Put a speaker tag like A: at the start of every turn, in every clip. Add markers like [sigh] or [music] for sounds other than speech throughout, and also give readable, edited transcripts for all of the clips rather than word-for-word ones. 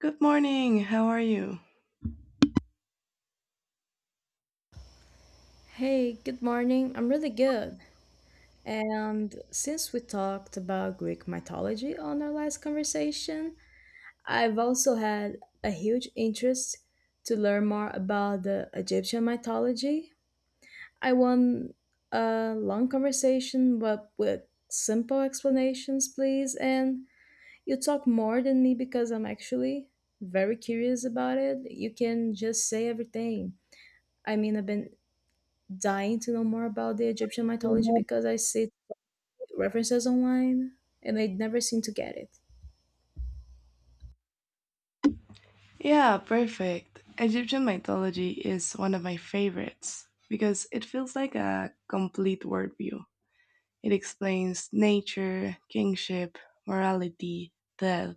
A: Good morning. How are you?
B: Hey, good morning. I'm really good. And since we talked about Greek mythology on our last conversation, I've also had a huge interest to learn more about the Egyptian mythology. I want a long conversation, but with simple explanations, please. And you talk more than me because I'm actually very curious about it. You can just say everything. I mean, I've been dying to know more about the Egyptian mythology because I see references online and I never seem to get it.
A: Yeah, perfect. Egyptian mythology is one of my favorites because it feels like a complete worldview. It explains nature, kingship, morality, death,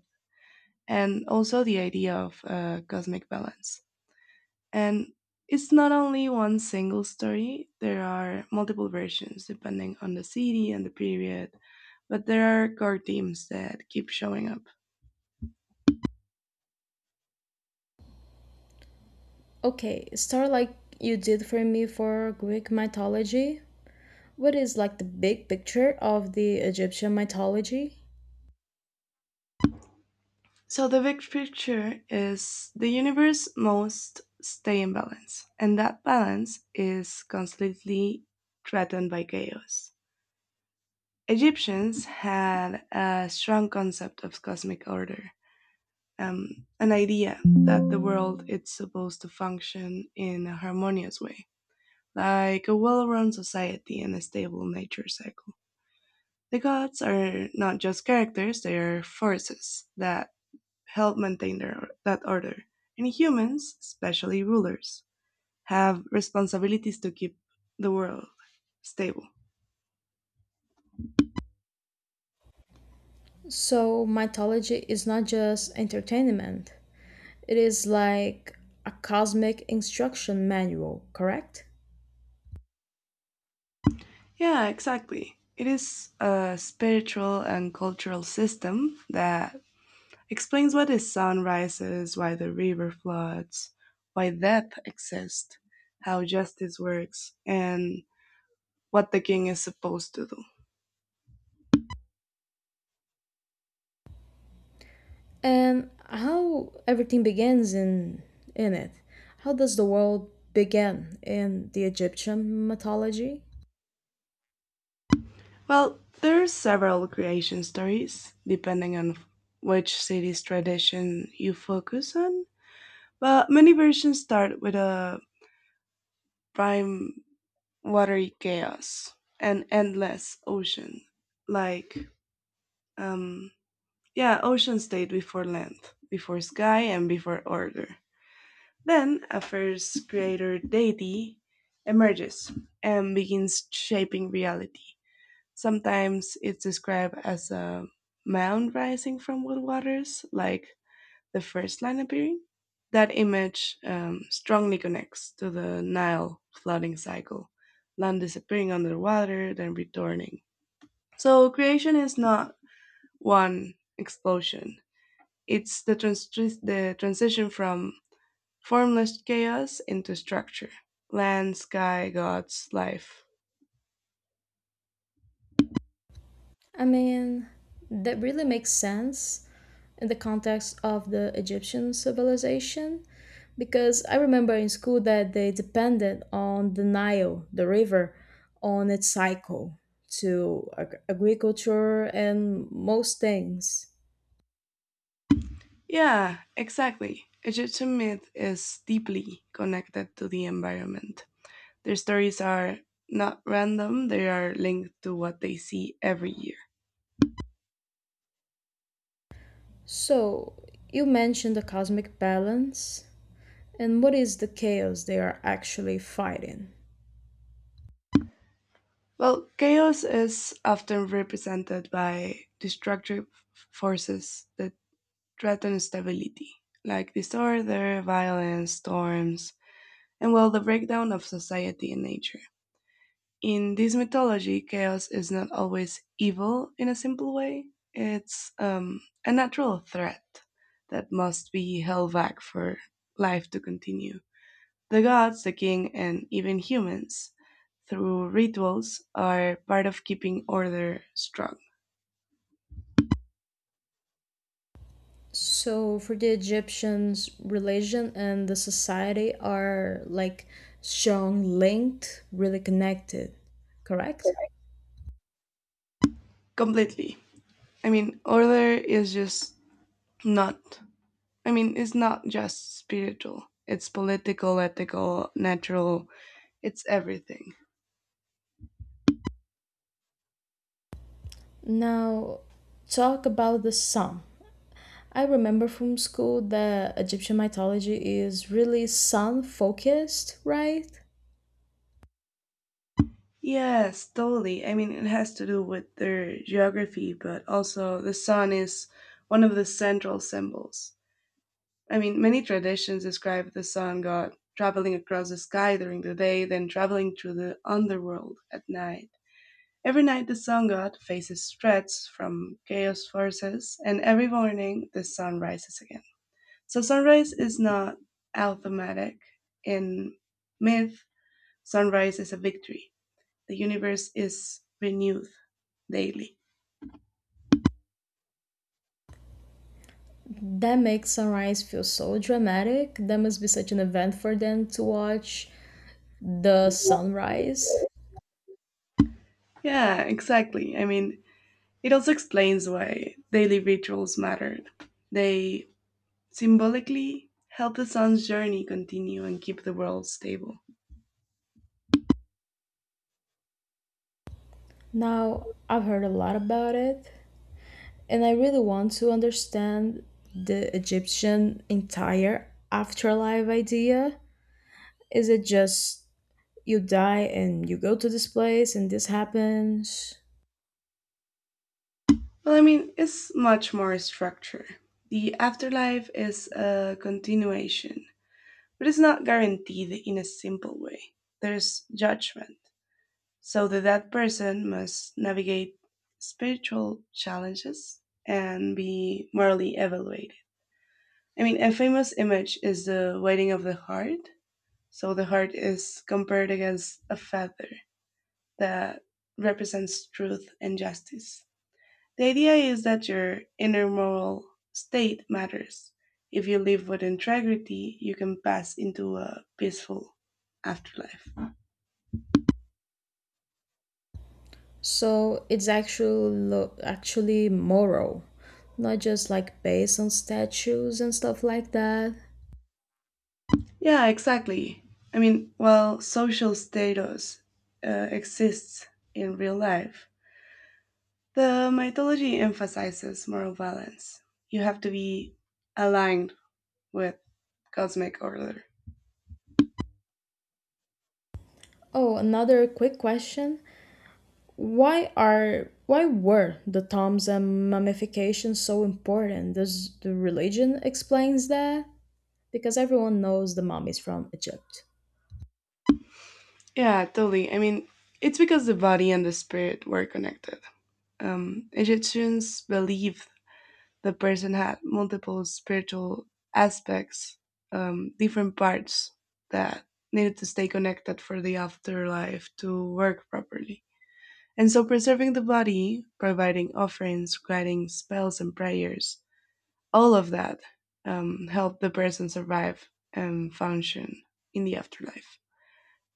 A: and also the idea of cosmic balance. And it's not only one single story, there are multiple versions depending on the city and the period, but there are core themes that keep showing up.
B: Okay, start like you did for me for Greek mythology. What is like the big picture of the Egyptian mythology?
A: So the big picture is the universe must stay in balance, and that balance is constantly threatened by chaos. Egyptians had a strong concept of cosmic order, an idea that the world is supposed to function in a harmonious way, like a well run society and a stable nature cycle. The gods are not just characters, they are forces that help maintain that order. And humans, especially rulers, have responsibilities to keep the world stable.
B: So, mythology is not just entertainment, it is like a cosmic instruction manual, correct?
A: Yeah, exactly. It is a spiritual and cultural system that explains why the sun rises, why the river floods, why death exists, how justice works, and what the king is supposed to do.
B: And how everything begins in it. How does the world begin in the Egyptian mythology?
A: Well, there are several creation stories depending on which city's tradition you focus on, but many versions start with a prime watery chaos, an endless ocean. Like, um, yeah, Ocean stayed before land, before sky, and before order. Then a first creator deity emerges and begins shaping reality. Sometimes it's described as a mound rising from world waters, like the first line appearing. That image strongly connects to the Nile flooding cycle, land disappearing under water, then returning. So creation is not one explosion, it's the transition from formless chaos into structure: land, sky, gods, life.
B: I mean, that really makes sense in the context of the Egyptian civilization because I remember in school that they depended on the Nile, the river, on its cycle to agriculture and most things.
A: Yeah, exactly. Egyptian myth is deeply connected to the environment. Their stories are not random, they are linked to what they see every year.
B: So, you mentioned the cosmic balance. And what is the chaos they are actually fighting.
A: Well, chaos is often represented by destructive forces that threaten stability, like disorder, violence, storms, and well, the breakdown of society and nature. In this mythology, chaos is not always evil in a simple way. It's a natural threat that must be held back for life to continue. The gods, the king, and even humans, through rituals, are part of keeping order strong.
B: So, for the Egyptians, religion and the society are like strong linked, really connected, correct?
A: Completely. I mean, order is just not, I mean, it's not just spiritual. It's political, ethical, natural, it's everything.
B: Now, talk about the sun. I remember from school that Egyptian mythology is really sun focused, right?
A: Yes, totally. I mean, it has to do with their geography, but also the sun is one of the central symbols. I mean, many traditions describe the sun god traveling across the sky during the day, then traveling through the underworld at night. Every night, the sun god faces threats from chaos forces, and every morning, the sun rises again. So, sunrise is not automatic. In myth, sunrise is a victory, the universe is renewed daily.
B: That makes sunrise feel so dramatic. That must be such an event for them to watch the sunrise.
A: Yeah, exactly. I mean, it also explains why daily rituals matter. They symbolically help the sun's journey continue and keep the world stable.
B: Now, I've heard a lot about it, and I really want to understand the Egyptian entire afterlife idea. Is it just you die and you go to this place and this happens?
A: Well, I mean, it's much more structure. The afterlife is a continuation, but it's not guaranteed in a simple way. There's judgment. So the dead person must navigate spiritual challenges and be morally evaluated. I mean, a famous image is the weighting of the heart. So the heart is compared against a feather that represents truth and justice. The idea is that your inner moral state matters. If you live with integrity, you can pass into a peaceful afterlife.
B: So it's actually moral, not just like based on statues and stuff like that.
A: Yeah, exactly. I mean, while social status exists in real life, the mythology emphasizes moral balance. You have to be aligned with cosmic order.
B: Oh, another quick question. Why were the tombs and mummification so important? Does the religion explains that? Because everyone knows the mummies from Egypt.
A: Yeah, totally. I mean, it's because the body and the spirit were connected. Egyptians believed the person had multiple spiritual aspects, different parts that needed to stay connected for the afterlife to work properly. And so preserving the body, providing offerings, guiding spells and prayers, all of that helped the person survive and function in the afterlife.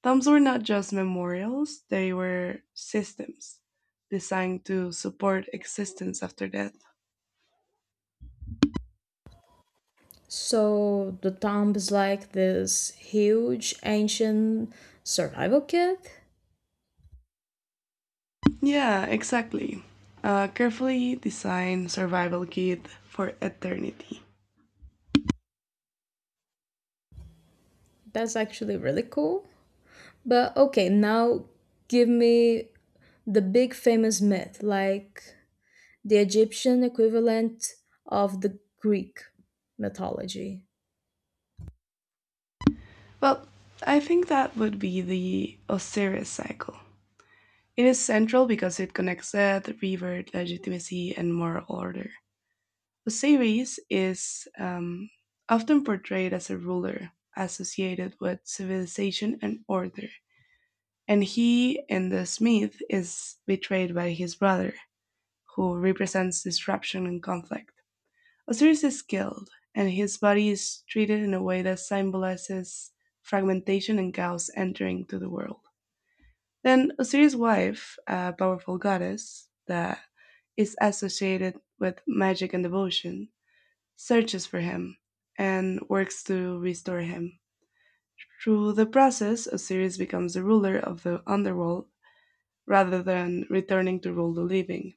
A: Tombs were not just memorials, they were systems designed to support existence after death.
B: So the tomb is like this huge ancient survival kit.
A: Yeah, exactly. A carefully designed survival kit for eternity.
B: That's actually really cool. But okay, now give me the big famous myth, like the Egyptian equivalent of the Greek mythology.
A: Well, I think that would be the Osiris cycle. It is central because it connects death, river, legitimacy, and moral order. Eusebius is often portrayed as a ruler associated with civilization and order, and he in this myth is betrayed by his brother, who represents disruption and conflict. Osiris is killed, and his body is treated in a way that symbolizes fragmentation and chaos entering to the world. Then Osiris' wife, a powerful goddess that is associated with magic and devotion, searches for him and works to restore him. Through the process, Osiris becomes the ruler of the underworld rather than returning to rule the living.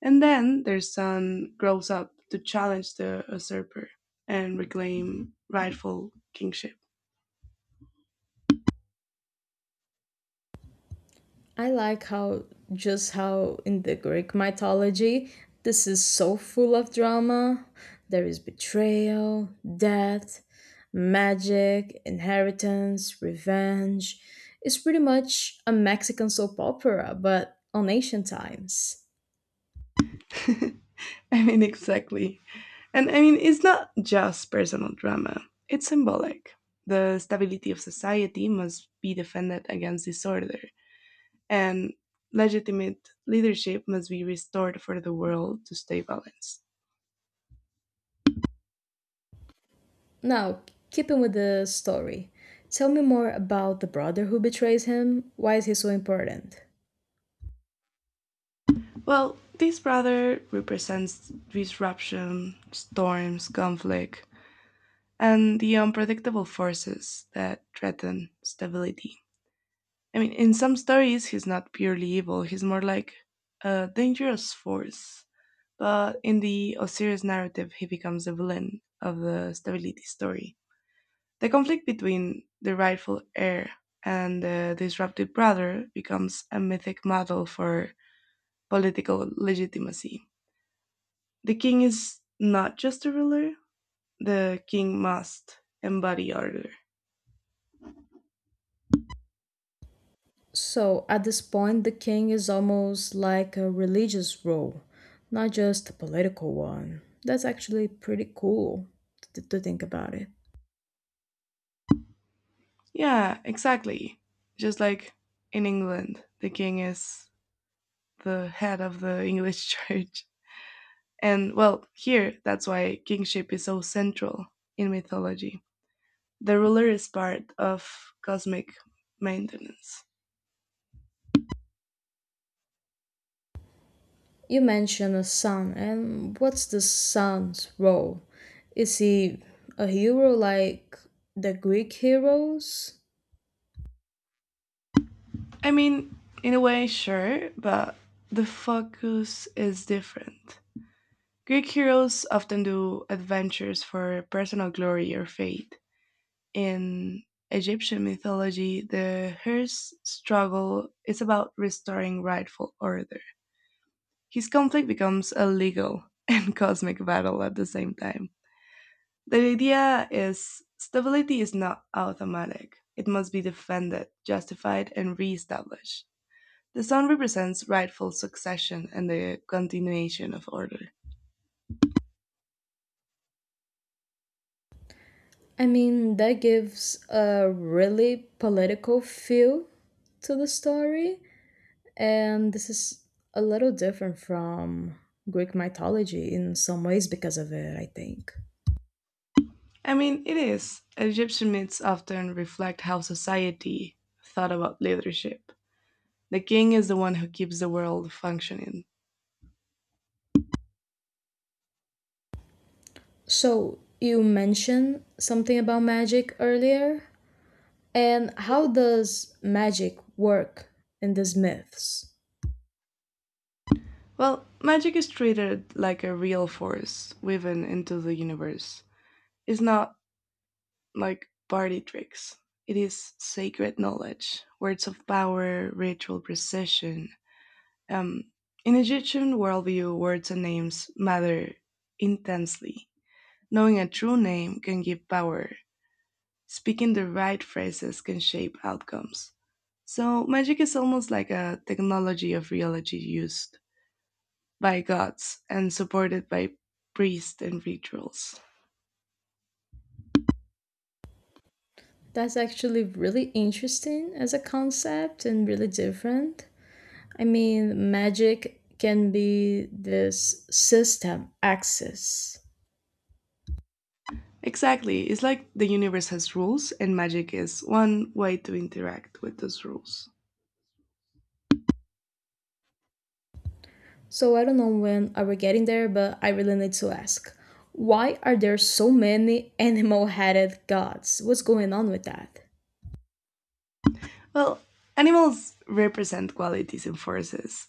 A: And then their son grows up to challenge the usurper and reclaim rightful kingship.
B: I like how just how in the Greek mythology this is so full of drama. There is betrayal, death, magic, inheritance, revenge. It's pretty much a Mexican soap opera, but on ancient times.
A: [laughs] I mean, exactly. And I mean, it's not just personal drama, it's symbolic. The stability of society must be defended against disorder, and legitimate leadership must be restored for the world to stay balanced.
B: Now, keeping with the story, tell me more about the brother who betrays him. Why is he so important?
A: Well, this brother represents disruption, storms, conflict, and the unpredictable forces that threaten stability. I mean, in some stories, he's not purely evil, he's more like a dangerous force, but in the Osiris narrative, he becomes the villain of the stability story. The conflict between the rightful heir and the disrupted brother becomes a mythic model for political legitimacy. The king is not just a ruler, the king must embody order.
B: So at this point, the king is almost like a religious role, not just a political one. That's actually pretty cool to, think about it.
A: Yeah, exactly. Just like in England, the king is the head of the [laughs] English church. And well, here, that's why kingship is so central in mythology. The ruler is part of cosmic maintenance.
B: You mentioned a son, and what's the son's role? Is he a hero like the Greek heroes?
A: I mean, in a way, sure, but the focus is different. Greek heroes often do adventures for personal glory or fate. In Egyptian mythology, the her's struggle is about restoring rightful order. His conflict becomes a legal and [laughs] cosmic battle at the same time. The idea is stability is not automatic. It must be defended, justified, and re-established. The sun represents rightful succession and the continuation of order.
B: I mean, that gives a really political feel to the story, and this is a little different from Greek mythology in some ways because of it, I think.
A: I mean, it is. Egyptian myths often reflect how society thought about leadership. The king is the one who keeps the world functioning.
B: So, you mentioned something about magic earlier. And how does magic work in these myths?
A: Well, magic is treated like a real force woven into the universe. It's not like party tricks. It is sacred knowledge, words of power, ritual precision. Um, in Egyptian worldview, words and names matter intensely. Knowing a true name can give power. Speaking the right phrases can shape outcomes. So, magic is almost like a technology of reality used by gods and supported by priests and rituals.
B: That's actually really interesting as a concept and really different. I mean, magic can be this system access.
A: Exactly. It's like the universe has rules, and magic is one way to interact with those rules.
B: So I don't know when I were getting there, but I really need to ask. Why are there so many animal headed gods? What's going on with that?
A: Well, animals represent qualities and forces.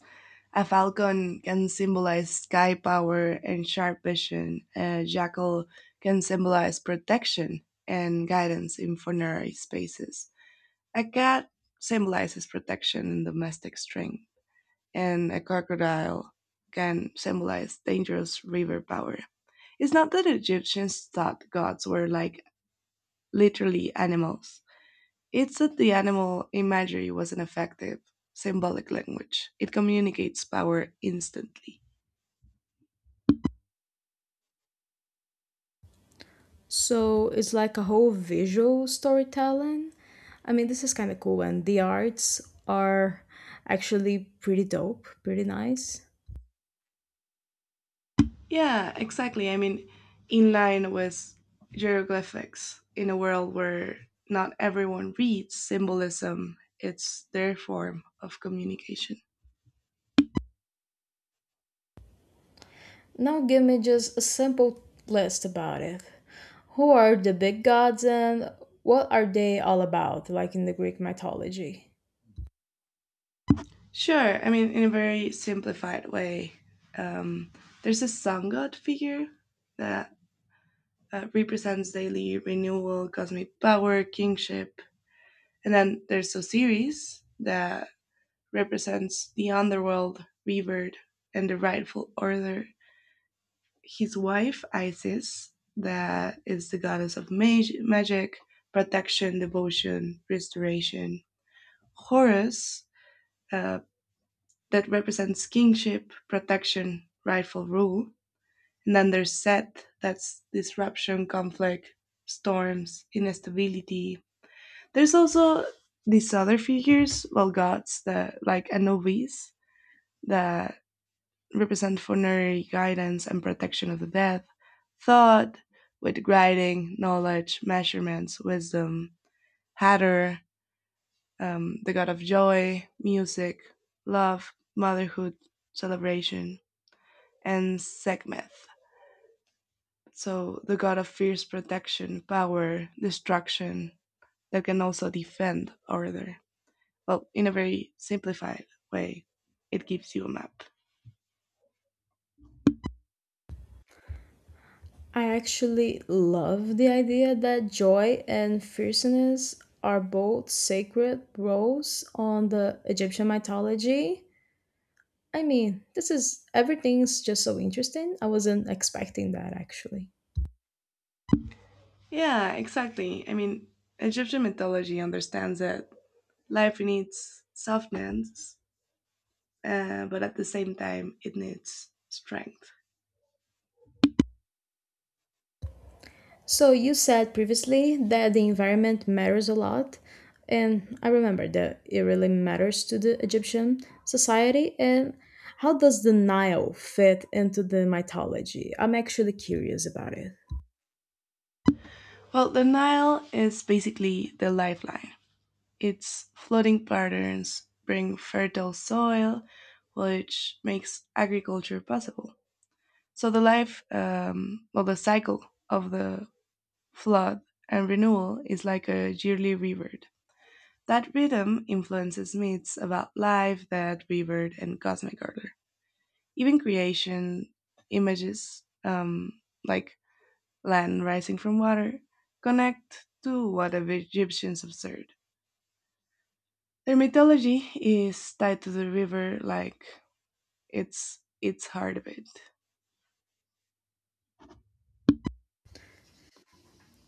A: A falcon can symbolize sky power and sharp vision. A jackal can symbolize protection and guidance in funerary spaces. A cat symbolizes protection and domestic strength. And a crocodile can symbolize dangerous river power. It's not that Egyptians thought gods were like literally animals. It's that the animal imagery was an effective symbolic language. It communicates power instantly.
B: So it's like a whole visual storytelling. I mean, this is kind of cool, and the arts are actually pretty dope, pretty nice.
A: Yeah, exactly. I mean, in line with hieroglyphics, in a world where not everyone reads symbolism, it's their form of communication.
B: Now, give me just a simple list about it. Who are the big gods, and what are they all about, like in the Greek mythology?
A: Sure, I mean, in a very simplified way, um, there's a sun god figure that represents daily renewal, cosmic power, kingship. And then there's Osiris that represents the underworld, revered, and the rightful order. His wife, Isis, that is the goddess of magic, protection, devotion, restoration. Horus, uh, that represents kingship, protection, rightful rule. And then there's Set, that's disruption, conflict, storms, instability. There's also these other figures, well, gods that like Anubis that represent funerary guidance and protection of the dead, thought with guiding knowledge, measurements, wisdom, Hatter, the god of joy, music, love, motherhood, celebration, and Sekhmet. So the god of fierce protection, power, destruction that can also defend order. Well, in a very simplified way, it gives you a map.
B: I actually love the idea that joy and fierceness are both sacred roles on the Egyptian mythology. I mean, this is everything's just so interesting. I wasn't expecting that actually.
A: Yeah, exactly. I mean, Egyptian mythology understands that life needs softness, but at the same time, it needs strength.
B: So you said previously that the environment matters a lot, and I remember that it really matters to the Egyptian society. And how does the Nile fit into the mythology? I'm actually curious about it.
A: Well, the Nile is basically the lifeline. Its flooding patterns bring fertile soil, which makes agriculture possible. So the life, well, the cycle of the flood, and renewal is like a yearly rebirth. That rhythm influences myths about life, death, rebirth, and cosmic order. Even creation images, like land rising from water, connect to what the Egyptians observed. Their mythology is tied to the river like it's its heart of it.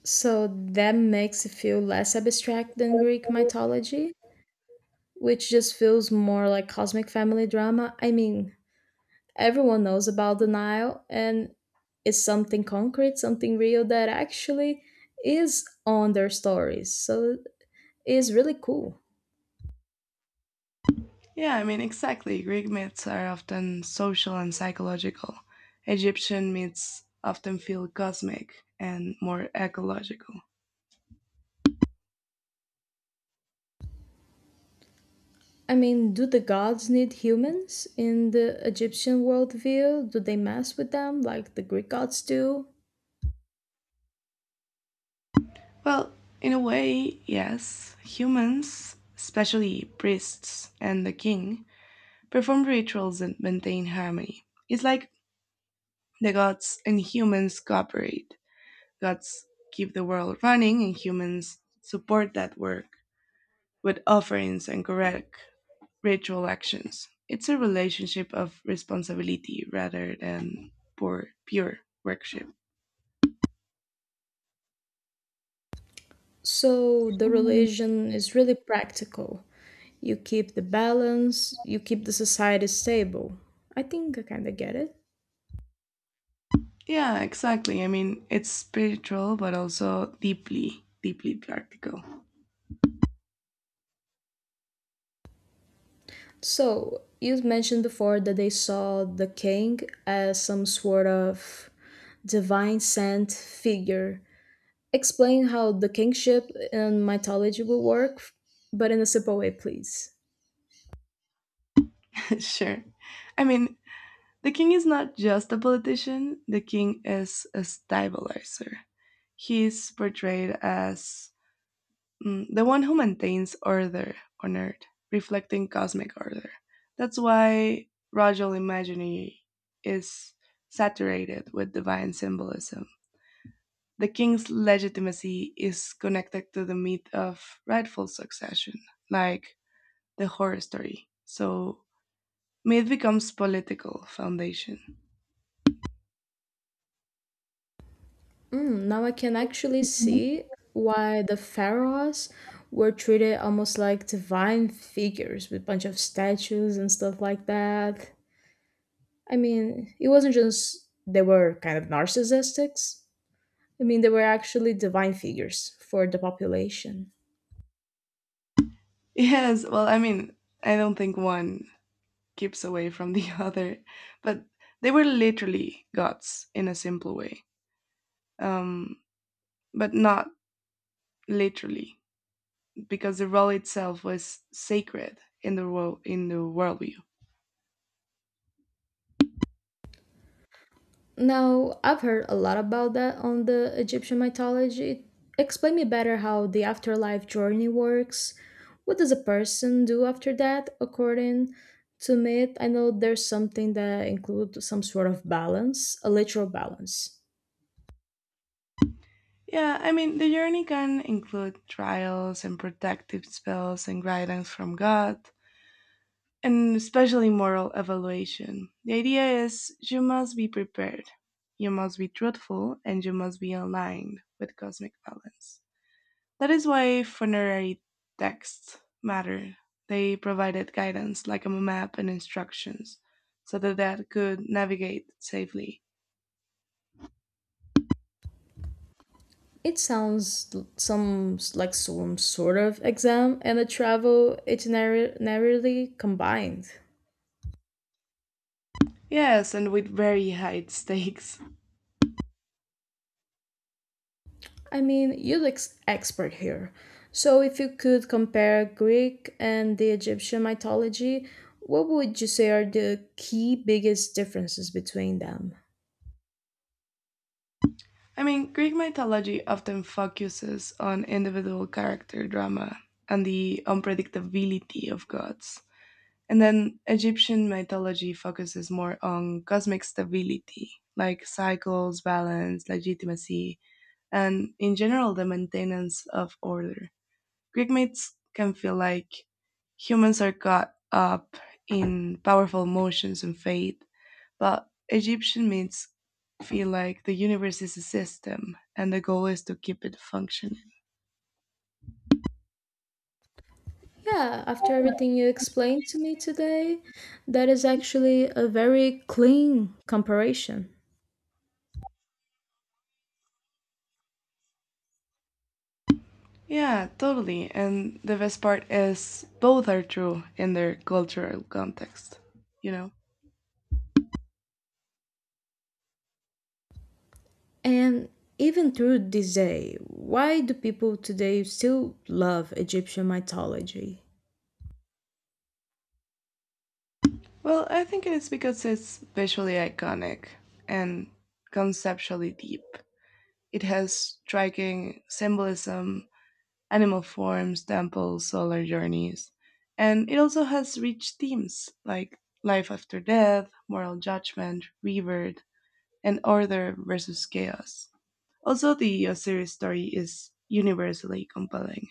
B: So that makes it feel less abstract than Greek mythology, which just feels more like cosmic family drama. I mean, everyone knows about the Nile, and it's something concrete, something real that actually is on their stories. So it's really cool.
A: Yeah, I mean, exactly. Greek myths are often social and psychological. Egyptian myths often feel cosmic and more ecological.
B: I mean, do the gods need humans in the Egyptian worldview? Do they mess with them like the Greek gods do?
A: Well, in a way, yes. Humans, especially priests and the king, perform rituals that maintain harmony. It's like the gods and humans cooperate. Gods keep the world running, and humans support that work with offerings and correct ritual actions. It's a relationship of responsibility rather than pure worship.
B: So the religion is really practical. You keep the balance, you keep the society stable. I think I kind of get it.
A: Yeah, exactly. I mean, it's spiritual, but also deeply practical.
B: So you mentioned before that they saw the king as some sort of divine sent figure. Explain how the kingship in mythology will work, but in a simple way, please.
A: [laughs] Sure. I mean, the king is not just a politician, the king is a stabilizer. He's portrayed as the one who maintains order on Earth, reflecting cosmic order. That's why Rajal imagery is saturated with divine symbolism. The king's legitimacy is connected to the myth of rightful succession, like the horror story. So myth becomes political foundation. [laughs]
B: Mm, now I can actually see why the pharaohs were treated almost like divine figures with a bunch of statues and stuff like that. I mean, it wasn't just they were kind of narcissistics. I mean, they were actually divine figures for the population.
A: Yes, well, I mean, I don't think one keeps away from the [laughs] other, but they were literally gods in a simple way. um, but not literally, because the role itself was sacred in the world in the worldview.
B: Now, I've heard a lot about that on the Egyptian mythology. Explain me better how the afterlife journey works. What does a person do after that, according to myth? I know there's something that includes some sort of balance, a literal balance.
A: Yeah, I mean the journey can include trials and protective spells and guidance from God, and especially moral evaluation. The idea is you must be prepared, you must be truthful, and you must be aligned with cosmic balance. That is why funerary texts matter. They provided guidance, like a map and instructions, so the dead could navigate safely.
B: It sounds like some sort of exam and a travel itinerary combined.
A: Yes, and with very high stakes.
B: I mean, you're the expert here. So, if you could compare Greek and the Egyptian mythology, what would you say are the key biggest differences between them?
A: I mean, Greek mythology often focuses on individual character drama and the unpredictability of gods. And then Egyptian mythology focuses more on cosmic stability, like cycles, balance, legitimacy, and in general the maintenance of order. Greek myths can feel like humans are caught up in powerful motions and fate, but Egyptian myths feel like the universe is a system and the goal is to keep it functioning.
B: Yeah, after everything you explained to me today, that is actually a very clean comparison.
A: Yeah, totally. And the best part is both are true in their cultural context, you know?
B: And even through this day, why do people today still love Egyptian mythology?
A: Well, I think it's because it's visually iconic and conceptually deep. It has striking symbolism, animal forms, temples, solar journeys, and it also has rich themes like life after death, moral judgment, rebirth, and order versus chaos. Also, the Osiris story is universally compelling: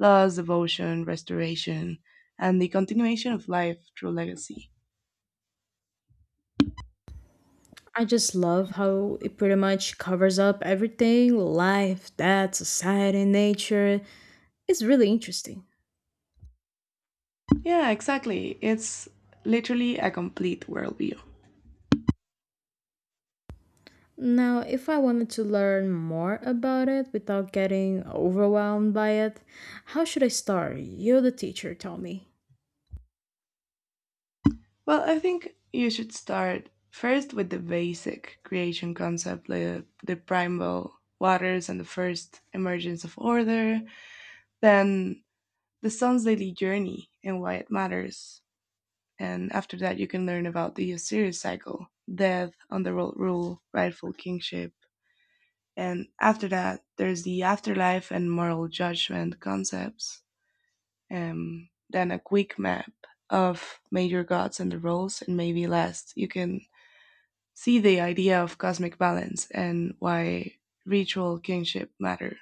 A: loss, devotion, restoration, and the continuation of life through legacy.
B: I just love how it pretty much covers up everything life, death, society, nature. It's really interesting.
A: Yeah, exactly. It's literally a complete worldview.
B: Now, if I wanted to learn more about it without getting overwhelmed by it, how should I start? You, the teacher, tell me.
A: Well, I think you should start first with the basic creation concept, the primal waters and the first emergence of order, then the sun's daily journey and why it matters. And after that, you can learn about the Osiris cycle, death, underworld rule, rightful kingship. And after that, there's the afterlife and moral judgment concepts. Then a quick map of major gods and their roles, and maybe last, you can see the idea of cosmic balance and why ritual kinship matter.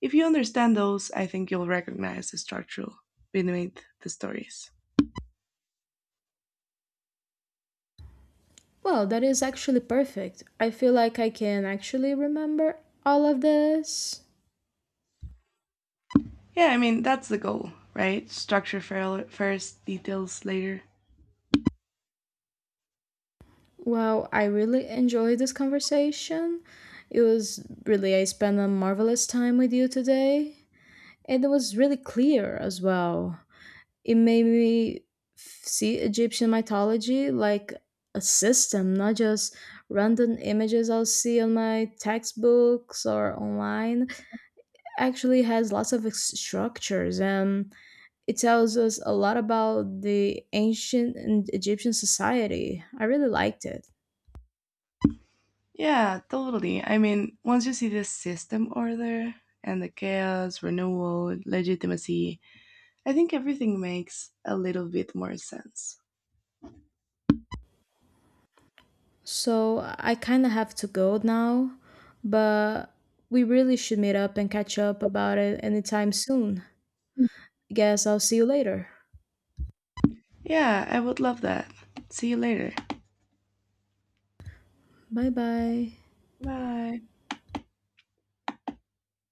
A: If you understand those, I think you'll recognize the structure beneath the stories.
B: Well, that is actually perfect. I feel like I can actually remember all of this.
A: Yeah, I mean, that's the goal, right? Structure first, details later.
B: Well, I really enjoyed this conversation. It was really, I spent a marvelous time with you today. And it was really clear as well. It made me see Egyptian mythology like a system, not just random images I'll see on my textbooks or online. Actually, has lots of structures, and it tells us a lot about the ancient and Egyptian society. I really liked it.
A: Yeah, totally. I mean, once you see the system order and the chaos, renewal, legitimacy, I think everything makes a little bit more sense.
B: So I kind of have to go now, but we really should meet up and catch up about it anytime soon. Guess I'll see you later.
A: Yeah, I would love that. See you later.
B: Bye bye.
A: Bye.